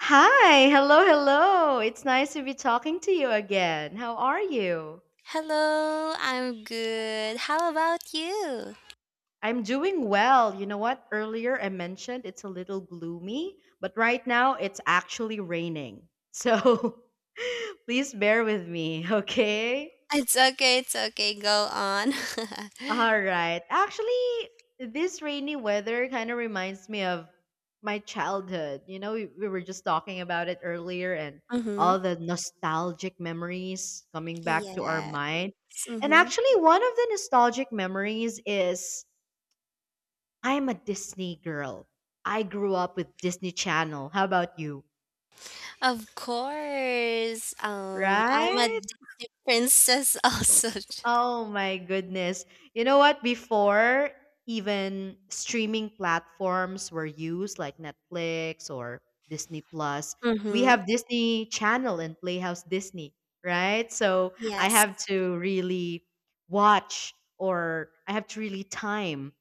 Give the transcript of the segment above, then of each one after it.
Hi, hello, hello. It's nice to be talking to you again. How are you? Hello, I'm good. How about you? I'm doing well. You know what? Earlier I mentioned it's a little gloomy, but right now it's actually raining. So please bear with me, okay? It's okay, it's okay. Go on. All right. Actually, this rainy weather kind of reminds me of my childhood. You know, we were just talking about it earlier and Mm-hmm. all the nostalgic memories coming back to our Yeah. mind. And Mm-hmm. actually, one of the nostalgic memories is I'm a Disney girl. I grew up with Disney Channel. How about you? Of course. I'm a Right? Disney princess also. Oh my goodness. You know what? Before even streaming platforms were used like Netflix or Disney Plus, we Mm-hmm. have Disney Channel and Playhouse Disney, right? So I Yes. have to really watch or I have to really time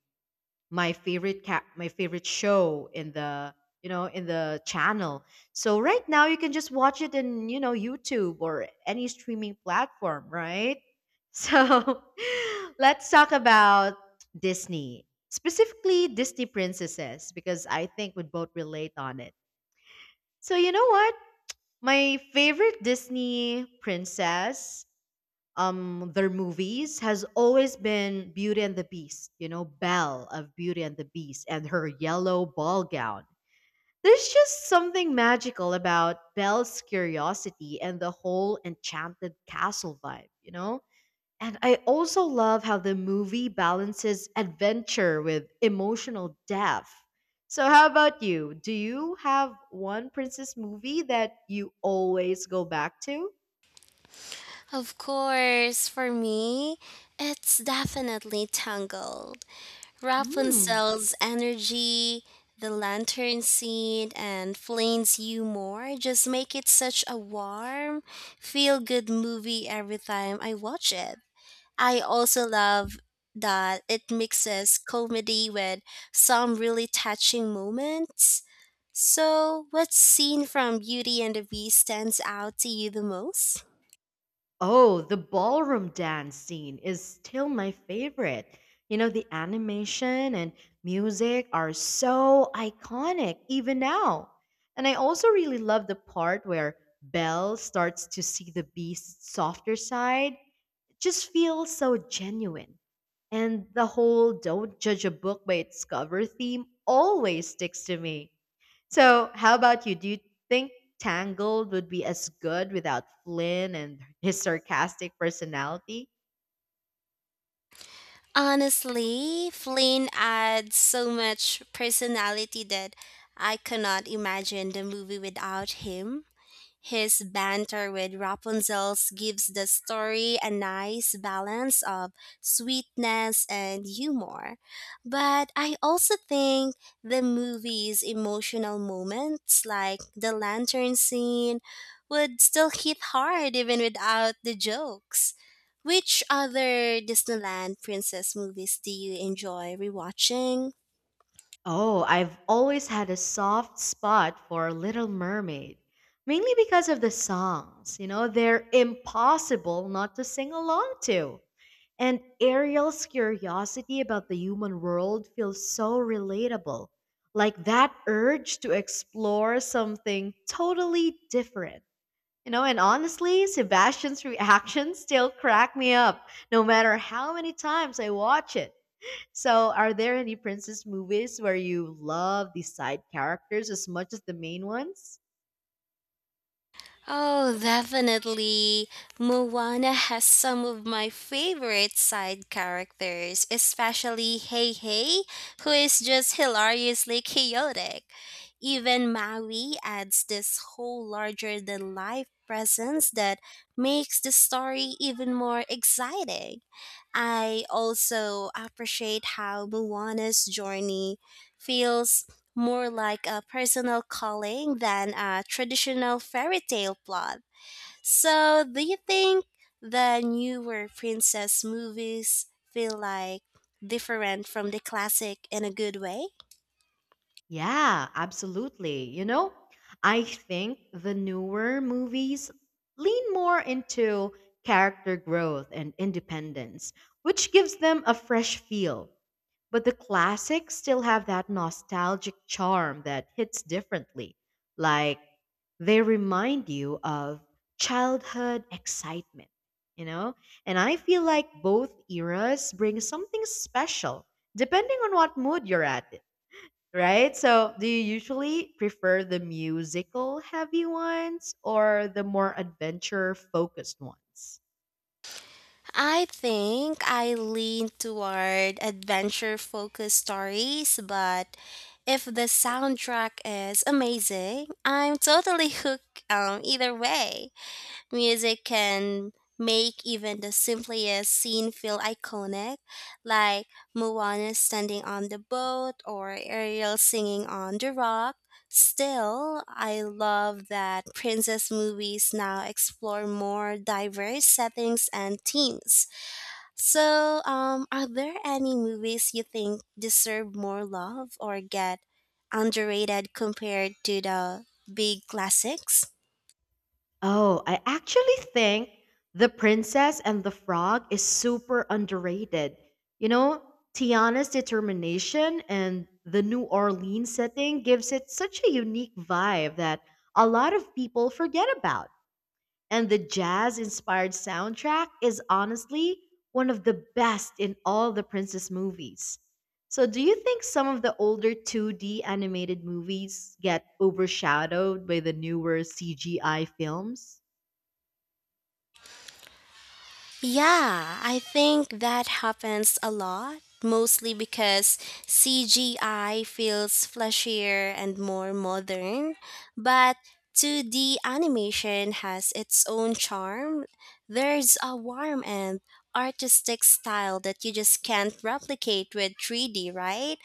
my favorite show in the you know in the channel, so right now you can just watch it in, you know, YouTube or any streaming platform, right? So let's talk about Disney, specifically Disney princesses, because I think we both relate on it. So you know what, my favorite Disney princess, their movies has always been Beauty and the Beast. You know, Belle of Beauty and the Beast and her yellow ball gown. There's just something magical about Belle's curiosity and the whole enchanted castle vibe, you know? And I also love how the movie balances adventure with emotional depth. So how about you? Do you have one princess movie that you always go back to? Of course, for me, it's definitely Tangled. Hmm. Rapunzel's energy, the lantern scene, and Flane's humor just make it such a warm, feel good movie every time I watch it. I also love that it mixes comedy with some really touching moments. So, what scene from Beauty and the Beast stands out to you the most? Oh, the ballroom dance scene is still my favorite. You know, the animation and music are so iconic even now. And I also really love the part where Belle starts to see the beast's softer side, just feels so genuine. And the whole don't judge a book by its cover theme always sticks to me. So, how about you? Do you think Tangled would be as good without Flynn and his sarcastic personality? Honestly, Flynn adds so much personality that I cannot imagine the movie without him. His banter with Rapunzel's gives the story a nice balance of sweetness and humor. But I also think the movie's emotional moments, like the lantern scene, would still hit hard even without the jokes. Which other Disneyland princess movies do you enjoy rewatching? Oh, I've always had a soft spot for Little Mermaid, mainly because of the songs. You know, they're impossible not to sing along to. And Ariel's curiosity about the human world feels so relatable, like that urge to explore something totally different. You know, and honestly, Sebastian's reactions still crack me up, no matter how many times I watch it. So, are there any princess movies where you love the side characters as much as the main ones? Oh, definitely. Moana has some of my favorite side characters, especially Hey Hey, who is just hilariously chaotic. Even Maui adds this whole larger than life presence that makes the story even more exciting. I also appreciate how Moana's journey feels more like a personal calling than a traditional fairy tale plot. So, do you think the newer princess movies feel like different from the classic in a good way? Yeah, absolutely. You know, I think the newer movies lean more into character growth and independence, which gives them a fresh feel. But the classics still have that nostalgic charm that hits differently. Like, they remind you of childhood excitement, you know? And I feel like both eras bring something special, depending on what mood you're at. Right? So, do you usually prefer the musical heavy ones or the more adventure focused ones? I think I lean toward adventure focused stories, but if the soundtrack is amazing, I'm totally hooked either way. Music can make even the simplest scene feel iconic, like Moana standing on the boat or Ariel singing on the rock. Still, I love that princess movies now explore more diverse settings and themes. So, are there any movies you think deserve more love or get underrated compared to the big classics? Oh, I actually think The Princess and the Frog is super underrated. You know, Tiana's determination and the New Orleans setting gives it such a unique vibe that a lot of people forget about. And the jazz inspired soundtrack is honestly one of the best in all the princess movies. So, do you think some of the older 2D animated movies get overshadowed by the newer CGI films? Yeah, I think that happens a lot, mostly because CGI feels fleshier and more modern, but 2D animation has its own charm. There's a warm and artistic style that you just can't replicate with 3D, right?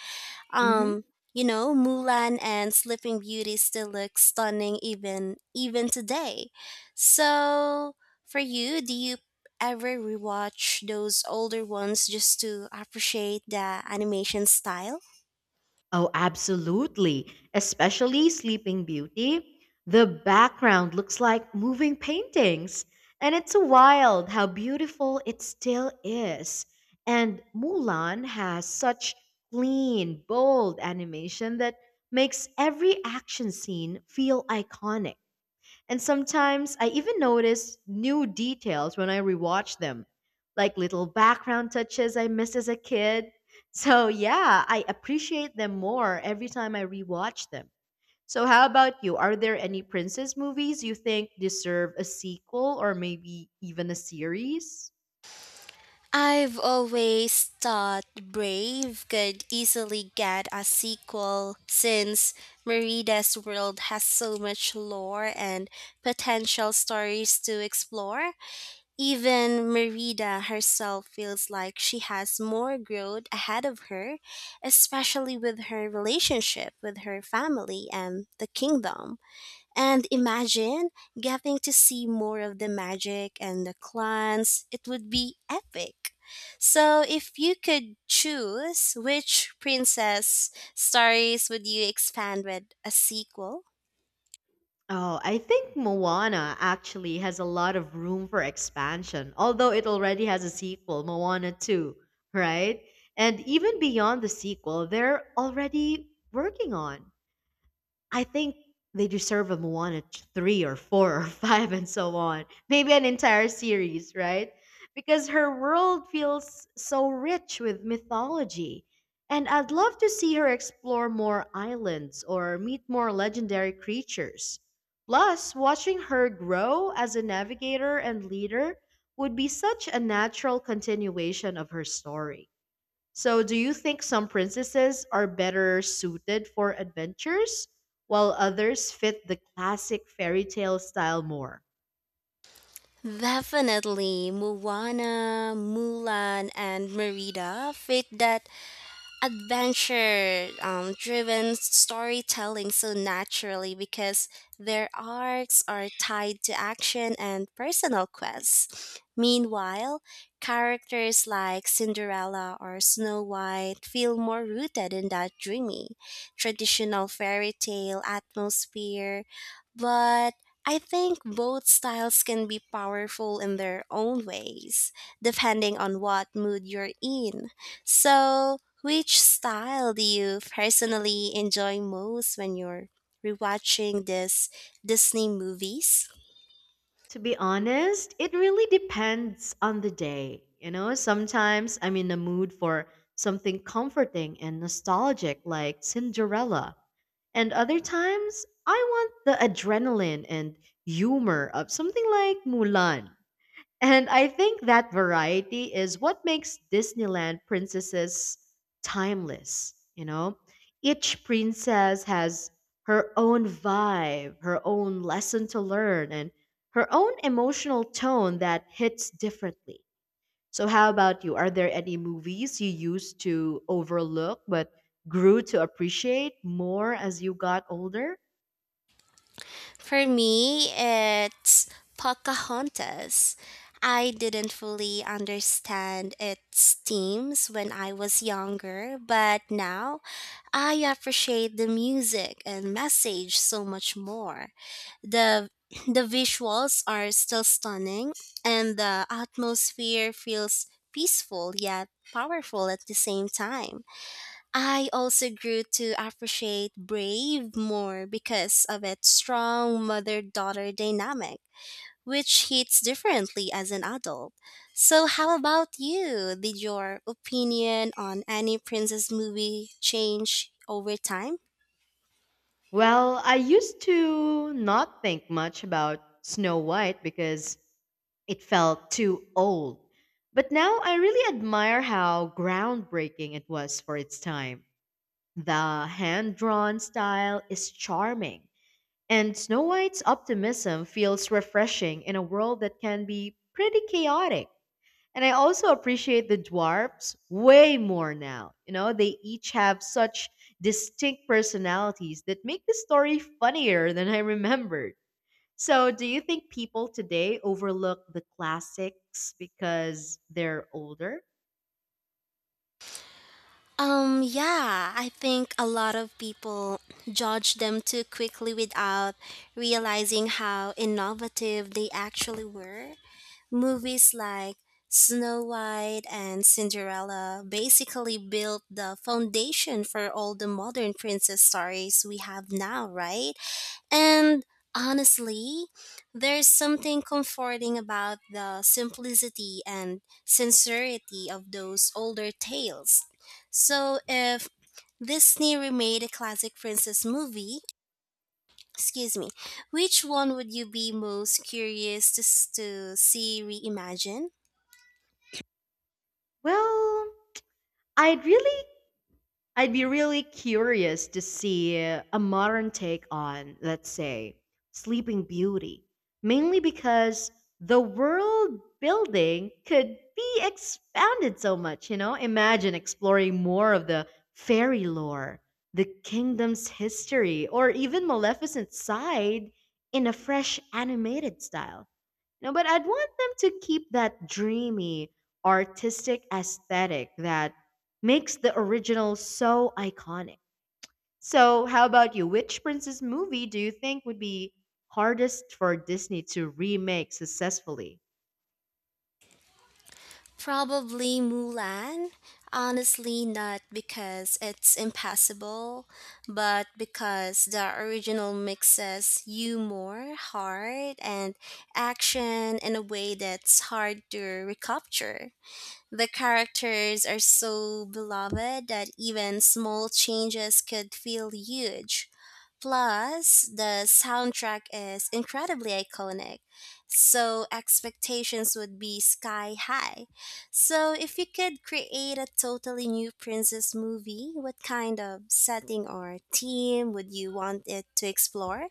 Hmm. Um, you know, Mulan and Sleeping Beauty still look stunning even today. So, for you, do you ever rewatch those older ones just to appreciate the animation style? Oh, absolutely. Especially Sleeping Beauty. The background looks like moving paintings. And it's wild how beautiful it still is. And Mulan has such clean, bold animation that makes every action scene feel iconic. And sometimes I even notice new details when I rewatch them, like little background touches I missed as a kid. So, yeah, I appreciate them more every time I rewatch them. So, how about you? Are there any princess movies you think deserve a sequel or maybe even a series? I've always thought Brave could easily get a sequel since Merida's world has so much lore and potential stories to explore. Even Merida herself feels like she has more growth ahead of her, especially with her relationship with her family and the kingdom. And imagine getting to see more of the magic and the clans, it would be epic. So, if you could choose, which princess stories would you expand with a sequel? Oh, I think Moana actually has a lot of room for expansion, although it already has a sequel, Moana 2, right? And even beyond the sequel, they're already working on. I think they deserve a three or four or five and so on. Maybe an entire series, right? Because her world feels so rich with mythology. And I'd love to see her explore more islands or meet more legendary creatures. Plus, watching her grow as a navigator and leader would be such a natural continuation of her story. So, do you think some princesses are better suited for adventures while others fit the classic fairy tale style more? Definitely, Moana, Mulan, and Merida fit that adventure driven storytelling so naturally because their arcs are tied to action and personal quests. Meanwhile, characters like Cinderella or Snow White feel more rooted in that dreamy, traditional fairy tale atmosphere. But I think both styles can be powerful in their own ways, depending on what mood you're in. So, which style do you personally enjoy most when you're rewatching these Disney movies? To be honest, it really depends on the day. You know, sometimes I'm in the mood for something comforting and nostalgic like Cinderella, and other times I want the adrenaline and humor of something like Mulan. And I think that variety is what makes Disneyland princesses timeless, you know? Each princess has her own vibe, her own lesson to learn, and her own emotional tone that hits differently. So, how about you? Are there any movies you used to overlook but grew to appreciate more as you got older? For me, it's Pocahontas. I didn't fully understand its themes when I was younger, but now I appreciate the music and message so much more. The the visuals are still stunning and the atmosphere feels peaceful yet powerful at the same time. I also grew to appreciate Brave more because of its strong mother daughter dynamic, which hits differently as an adult. So, how about you? Did your opinion on any princess movie change over time? Well, I used to not think much about Snow White because it felt too old. But now I really admire how groundbreaking it was for its time. The hand drawn style is charming, and Snow White's optimism feels refreshing in a world that can be pretty chaotic. And I also appreciate the dwarfs way more now. You know, they each have such distinct personalities that make the story funnier than I remembered. So, do you think people today overlook the classics because they're older? Yeah, I think a lot of people judge them too quickly without realizing how innovative they actually were. Movies like Snow White and Cinderella basically built the foundation for all the modern princess stories we have now, right? And honestly, there's something comforting about the simplicity and sincerity of those older tales. So if Disney remade a classic princess movie, excuse me, which one would you be most curious to, to see reimagined? Well, I'd really I'd be really curious to see a modern take on, let's say, Sleeping Beauty, mainly because the world building could be expanded so much, you know? Imagine exploring more of the fairy lore, the kingdom's history, or even Maleficent's side in a fresh animated style. No, but I'd want them to keep that dreamy, artistic aesthetic that makes the original so iconic. So, how about you? Which princess movie do you think would be hardest for Disney to remake successfully? Probably Mulan. Honestly, not because it's impassable, but because the original mixes humor, heart, and action in a way that's hard to recapture. The characters are so beloved that even small changes could feel huge. Plus, the soundtrack is incredibly iconic, so expectations would be sky high. So, if you could create a totally new princess movie, what kind of setting or theme would you want it to explore?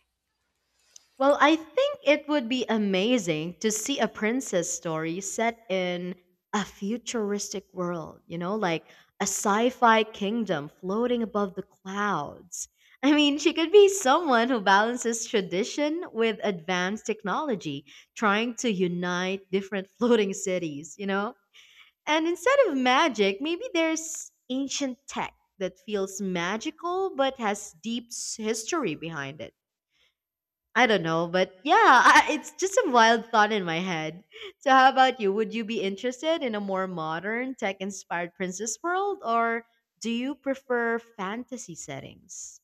Well, I think it would be amazing to see a princess story set in a futuristic world, you know, like a sci fi kingdom floating above the clouds. I mean, she could be someone who balances tradition with advanced technology, trying to unite different floating cities, you know? And instead of magic, maybe there's ancient tech that feels magical but has deep history behind it. I don't know, but yeah, it's just a wild thought in my head. So, how about you? Would you be interested in a more modern, tech inspired princess world, or do you prefer fantasy settings?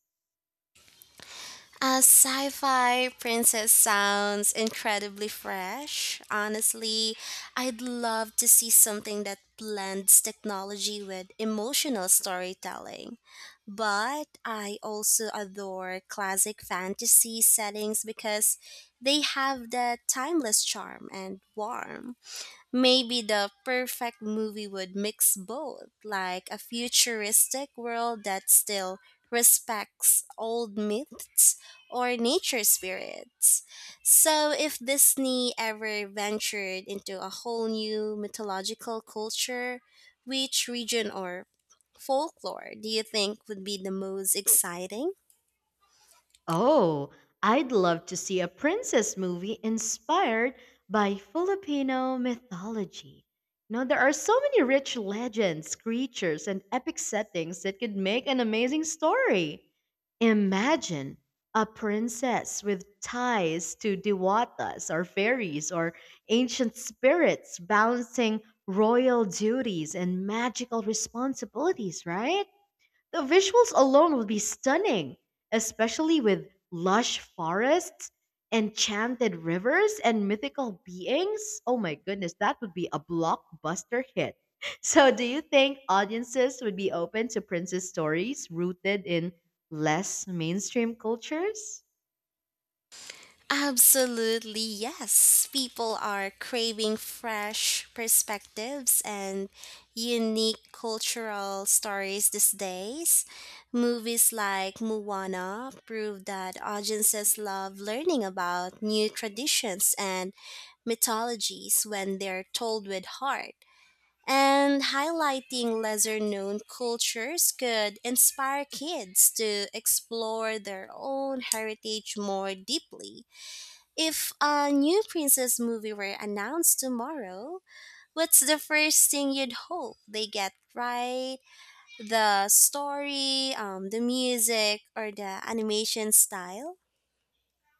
A sci fi princess sounds incredibly fresh. Honestly, I'd love to see something that blends technology with emotional storytelling. But I also adore classic fantasy settings because they have that timeless charm and warmth. Maybe the perfect movie would mix both, like a futuristic world that still respects old myths or nature spirits. So, if Disney ever ventured into a whole new mythological culture, which region or folklore do you think would be the most exciting? Oh, I'd love to see a princess movie inspired by Filipino mythology. You know, there are so many rich legends, creatures, and epic settings that could make an amazing story. Imagine a princess with ties to dewatas or fairies or ancient spirits balancing royal duties and magical responsibilities, right? The visuals alone would be stunning, especially with lush forests, enchanted rivers, and mythical beings. Oh my goodness, that would be a blockbuster hit. So, do you think audiences would be open to princess stories rooted in less mainstream cultures? Absolutely, yes. People are craving fresh perspectives and unique cultural stories these days. Movies like Moana prove that audiences love learning about new traditions and mythologies when they're told with heart. And highlighting lesser known cultures could inspire kids to explore their own heritage more deeply. If a new princess movie were announced tomorrow, what's the first thing you'd hope they get right? The story, the music, or the animation style?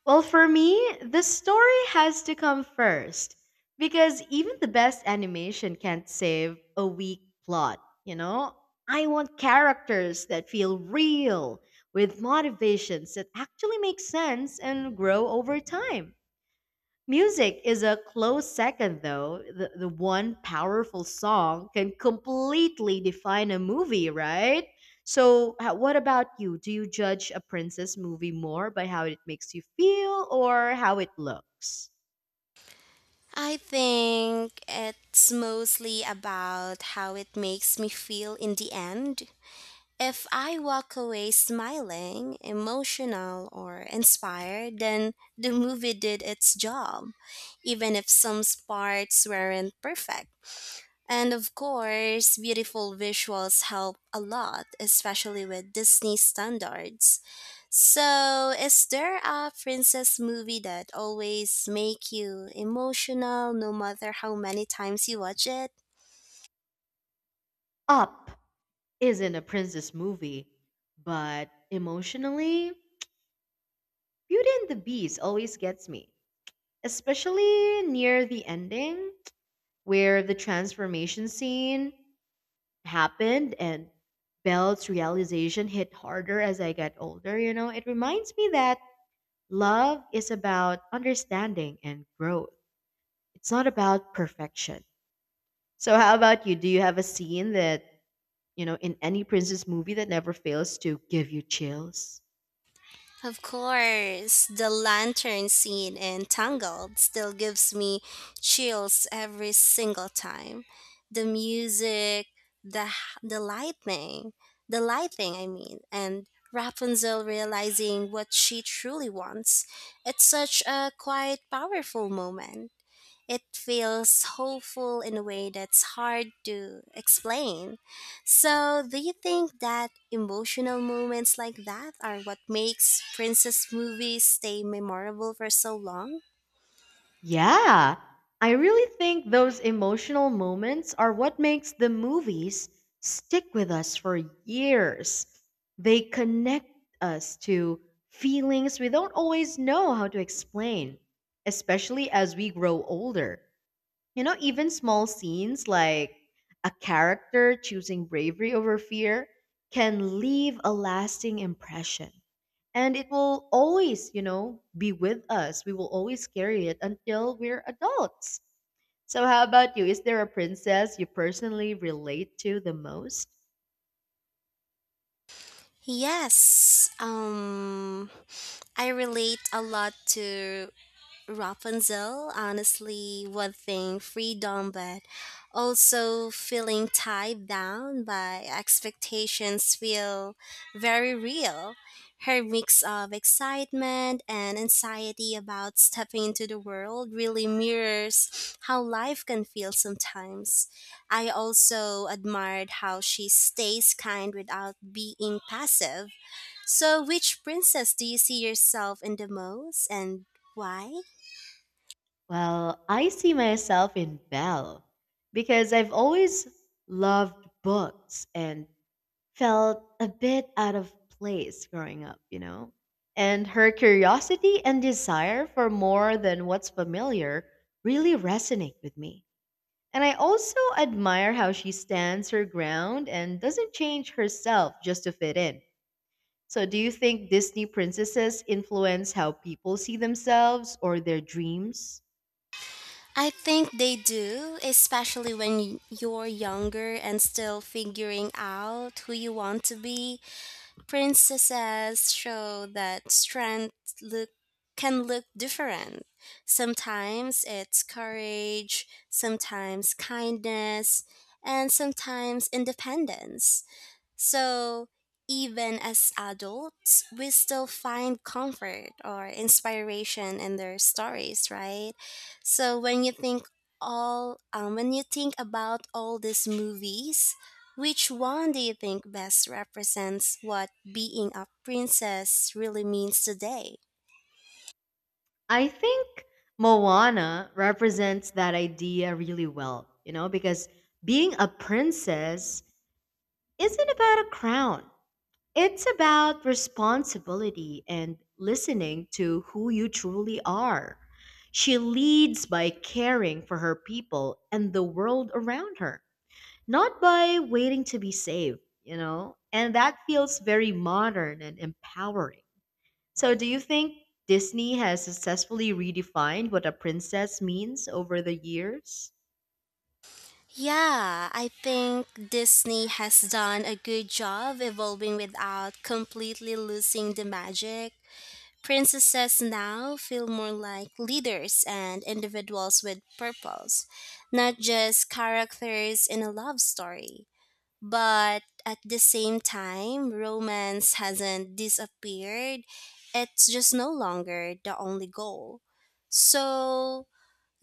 Well, for me, the story has to come first because even the best animation can't save a weak plot, you know? I want characters that feel real with motivations that actually make sense and grow over time. Music is a close second, though. The one powerful song can completely define a movie, right? So, what about you? Do you judge a princess movie more by how it makes you feel or how it looks? I think it's mostly about how it makes me feel in the end. If I walk away smiling, emotional, or inspired, then the movie did its job, even if some parts weren't perfect. And of course, beautiful visuals help a lot, especially with Disney standards. So, is there a princess movie that always make you emotional no matter how many times you watch it? Up isn't a princess movie, but emotionally, Beauty and the Beast always gets me, especially near the ending where the transformation scene happened, and Belle's realization hit harder as I got older. You know, it reminds me that love is about understanding and growth. It's not about perfection. So how about you? Do you have a scene that, you know, in any princess movie that never fails to give you chills? Of course, the lantern scene in Tangled still gives me chills every single time. The music, the lightning, the lighting, I mean, and Rapunzel realizing what she truly wants. It's such a quite powerful moment. It feels hopeful in a way that's hard to explain. So, do you think that emotional moments like that are what makes princess movies stay memorable for so long? Yeah, I really think those emotional moments are what makes the movies stick with us for years. They connect us to feelings we don't always know how to explain, especially as we grow older. You know, even small scenes like a character choosing bravery over fear can leave a lasting impression. And it will always, you know, be with us. We will always carry it until we're adults. So, how about you? Is there a princess you personally relate to the most? Yes, um, I relate a lot to Rapunzel, honestly, one thing, freedom, but also feeling tied down by expectations feel very real. Her mix of excitement and anxiety about stepping into the world really mirrors how life can feel sometimes. I also admired how she stays kind without being passive. So, which princess do you see yourself in the most and why? Well, I see myself in Belle because I've always loved books and felt a bit out of place growing up, you know? And her curiosity and desire for more than what's familiar really resonate with me. And I also admire how she stands her ground and doesn't change herself just to fit in. So, do you think Disney princesses influence how people see themselves or their dreams? I think they do, especially when you're younger and still figuring out who you want to be. Princesses show that strength look can look different. Sometimes it's courage, sometimes kindness, and sometimes independence. So, even as adults, we still find comfort or inspiration in their stories, right? So, when you think about all these movies, which one do you think best represents what being a princess really means today? I think Moana represents that idea really well, you know, because being a princess isn't about a crown. It's about responsibility and listening to who you truly are. She leads by caring for her people and the world around her, not by waiting to be saved, you know? And that feels very modern and empowering. So, do you think Disney has successfully redefined what a princess means over the years? Yeah, I think Disney has done a good job evolving without completely losing the magic. Princesses now feel more like leaders and individuals with purpose, not just characters in a love story. But at the same time, romance hasn't disappeared, it's just no longer the only goal. So,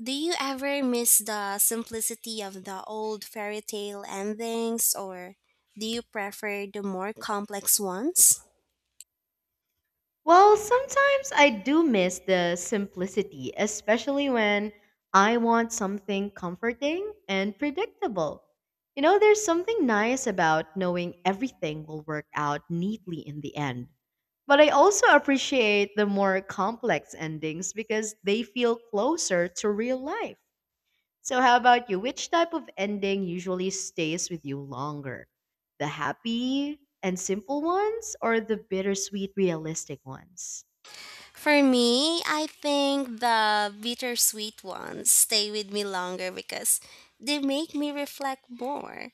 do you ever miss the simplicity of the old fairy tale endings, or do you prefer the more complex ones? Well, sometimes I do miss the simplicity, especially when I want something comforting and predictable. You know, there's something nice about knowing everything will work out neatly in the end. But I also appreciate the more complex endings because they feel closer to real life. So, how about you? Which type of ending usually stays with you longer? The happy and simple ones or the bittersweet, realistic ones? For me, I think the bittersweet ones stay with me longer because they make me reflect more.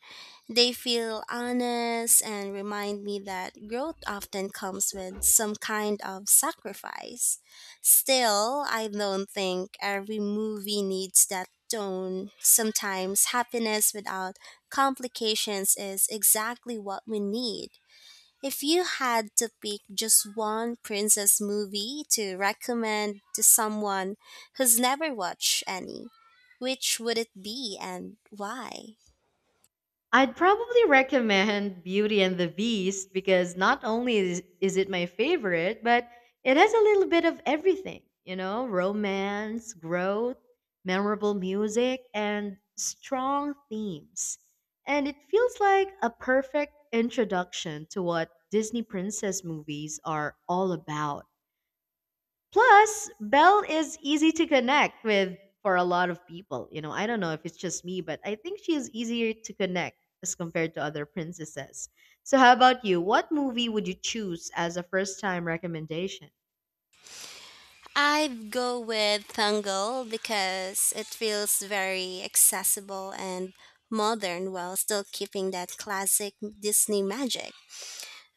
They feel honest and remind me that growth often comes with some kind of sacrifice. Still, I don't think every movie needs that tone. Sometimes happiness without complications is exactly what we need. If you had to pick just one princess movie to recommend to someone who's never watched any, which would it be and why? I'd probably recommend Beauty and the Beast because not only is it my favorite, but it has a little bit of everything, you know, romance, growth, memorable music, and strong themes. And it feels like a perfect introduction to what Disney princess movies are all about. Plus, Bell is easy to connect with for a lot of people. You know, I don't know if it's just me, but I think she is easier to connect as compared to other princesses. So, how about you? What movie would you choose as a first time recommendation? I'd go with Tangled because it feels very accessible and modern while still keeping that classic Disney magic.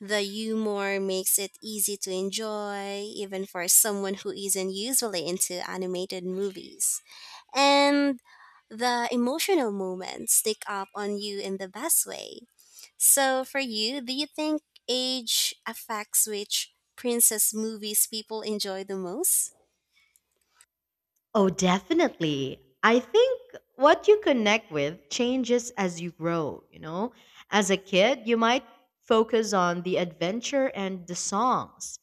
The humor makes it easy to enjoy, even for someone who isn't usually into animated movies, and the emotional moments stick up on you in the best way. So, for you, do you think age affects which princess movies people enjoy the most? Oh, definitely. I think what you connect with changes as you grow, you know? As a kid, you might focus on the adventure and the songs.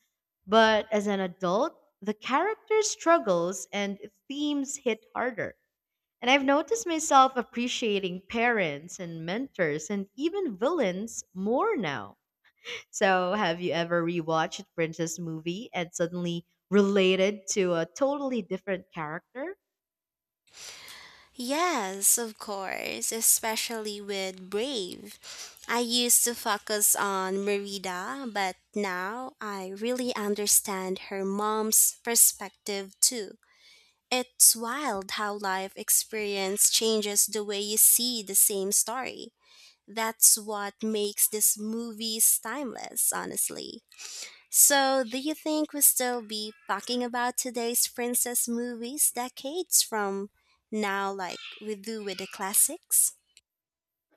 But as an adult, the character struggles and themes hit harder. And I've noticed myself appreciating parents and mentors and even villains more now. So, have you ever rewatched Princess movie and suddenly related to a totally different character? Yes, of course, especially with Brave. I used to focus on Merida, but now I really understand her mom's perspective too. It's wild how life experience changes the way you see the same story. That's what makes these movies timeless, honestly. So, do you think we'll still be talking about today's princess movies decades from now, like we do with the classics?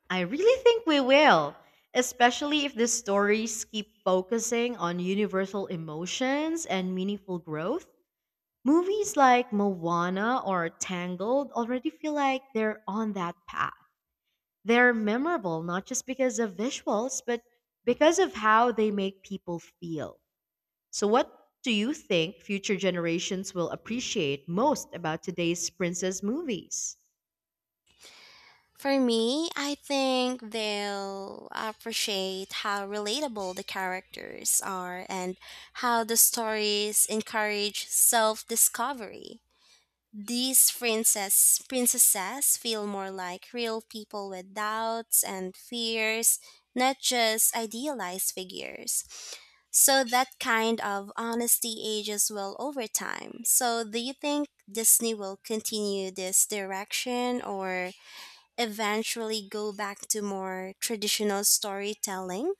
I really think we will, especially if the stories keep focusing on universal emotions and meaningful growth. Movies like Moana or Tangled already feel like they're on that path. They're memorable not just because of visuals, but because of how they make people feel. So, what do you think future generations will appreciate most about today's princess movies? For me, I think they'll appreciate how relatable the characters are and how the stories encourage self discovery. These princesses feel more like real people with doubts and fears, not just idealized figures. So that kind of honesty ages well over time. So do you think Disney will continue this direction or eventually go back to more traditional storytelling?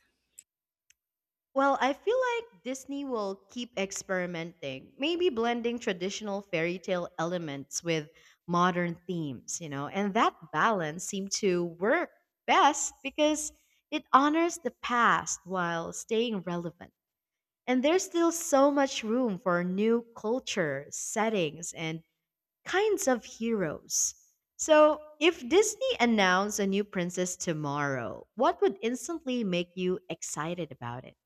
Well, I feel like Disney will keep experimenting, maybe blending traditional fairy tale elements with modern themes, you know, and that balance seemed to work best because it honors the past while staying relevant. And there's still so much room for new cultures, settings, and kinds of heroes. So, if Disney announced a new princess tomorrow, what would instantly make you excited about it?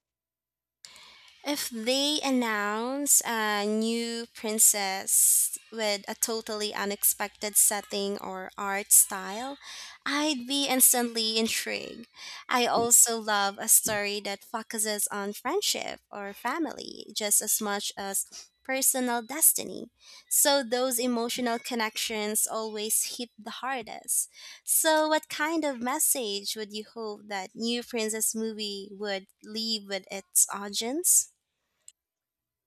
If they announce a new princess with a totally unexpected setting or art style, I'd be instantly intrigued. I also love a story that focuses on friendship or family just as much as personal destiny. So those emotional connections always hit the hardest. So what kind of message would you hope that new princess movie would leave with its audience?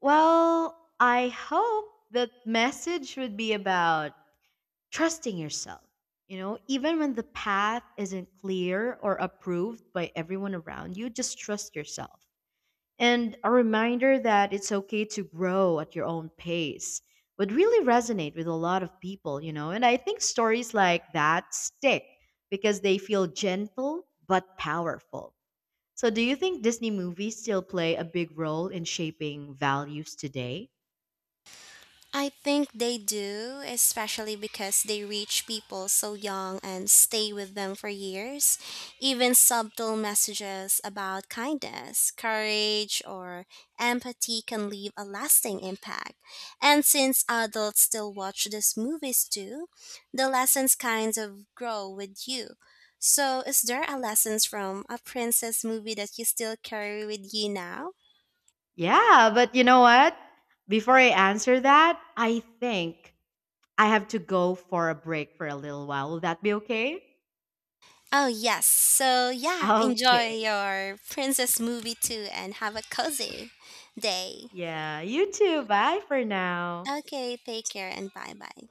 Well, I hope that message would be about trusting yourself. You know, even when the path isn't clear or approved by everyone around you, just trust yourself. And a reminder that it's okay to grow at your own pace would really resonate with a lot of people, you know. And I think stories like that stick because they feel gentle but powerful. So, do you think Disney movies still play a big role in shaping values today? I think they do, especially because they reach people so young and stay with them for years. Even subtle messages about kindness, courage, or empathy can leave a lasting impact. And since adults still watch these movies too, the lessons kind of grow with you. So, is there a lessons from a princess movie that you still carry with you now? Yeah, but you know what? Before I answer that, I think I have to go for a break for a little while. Will that be okay? Oh, yes. So, yeah, enjoy Okay. your princess movie too and have a cozy day. Yeah, you too. Bye for now. Okay, take care and bye bye.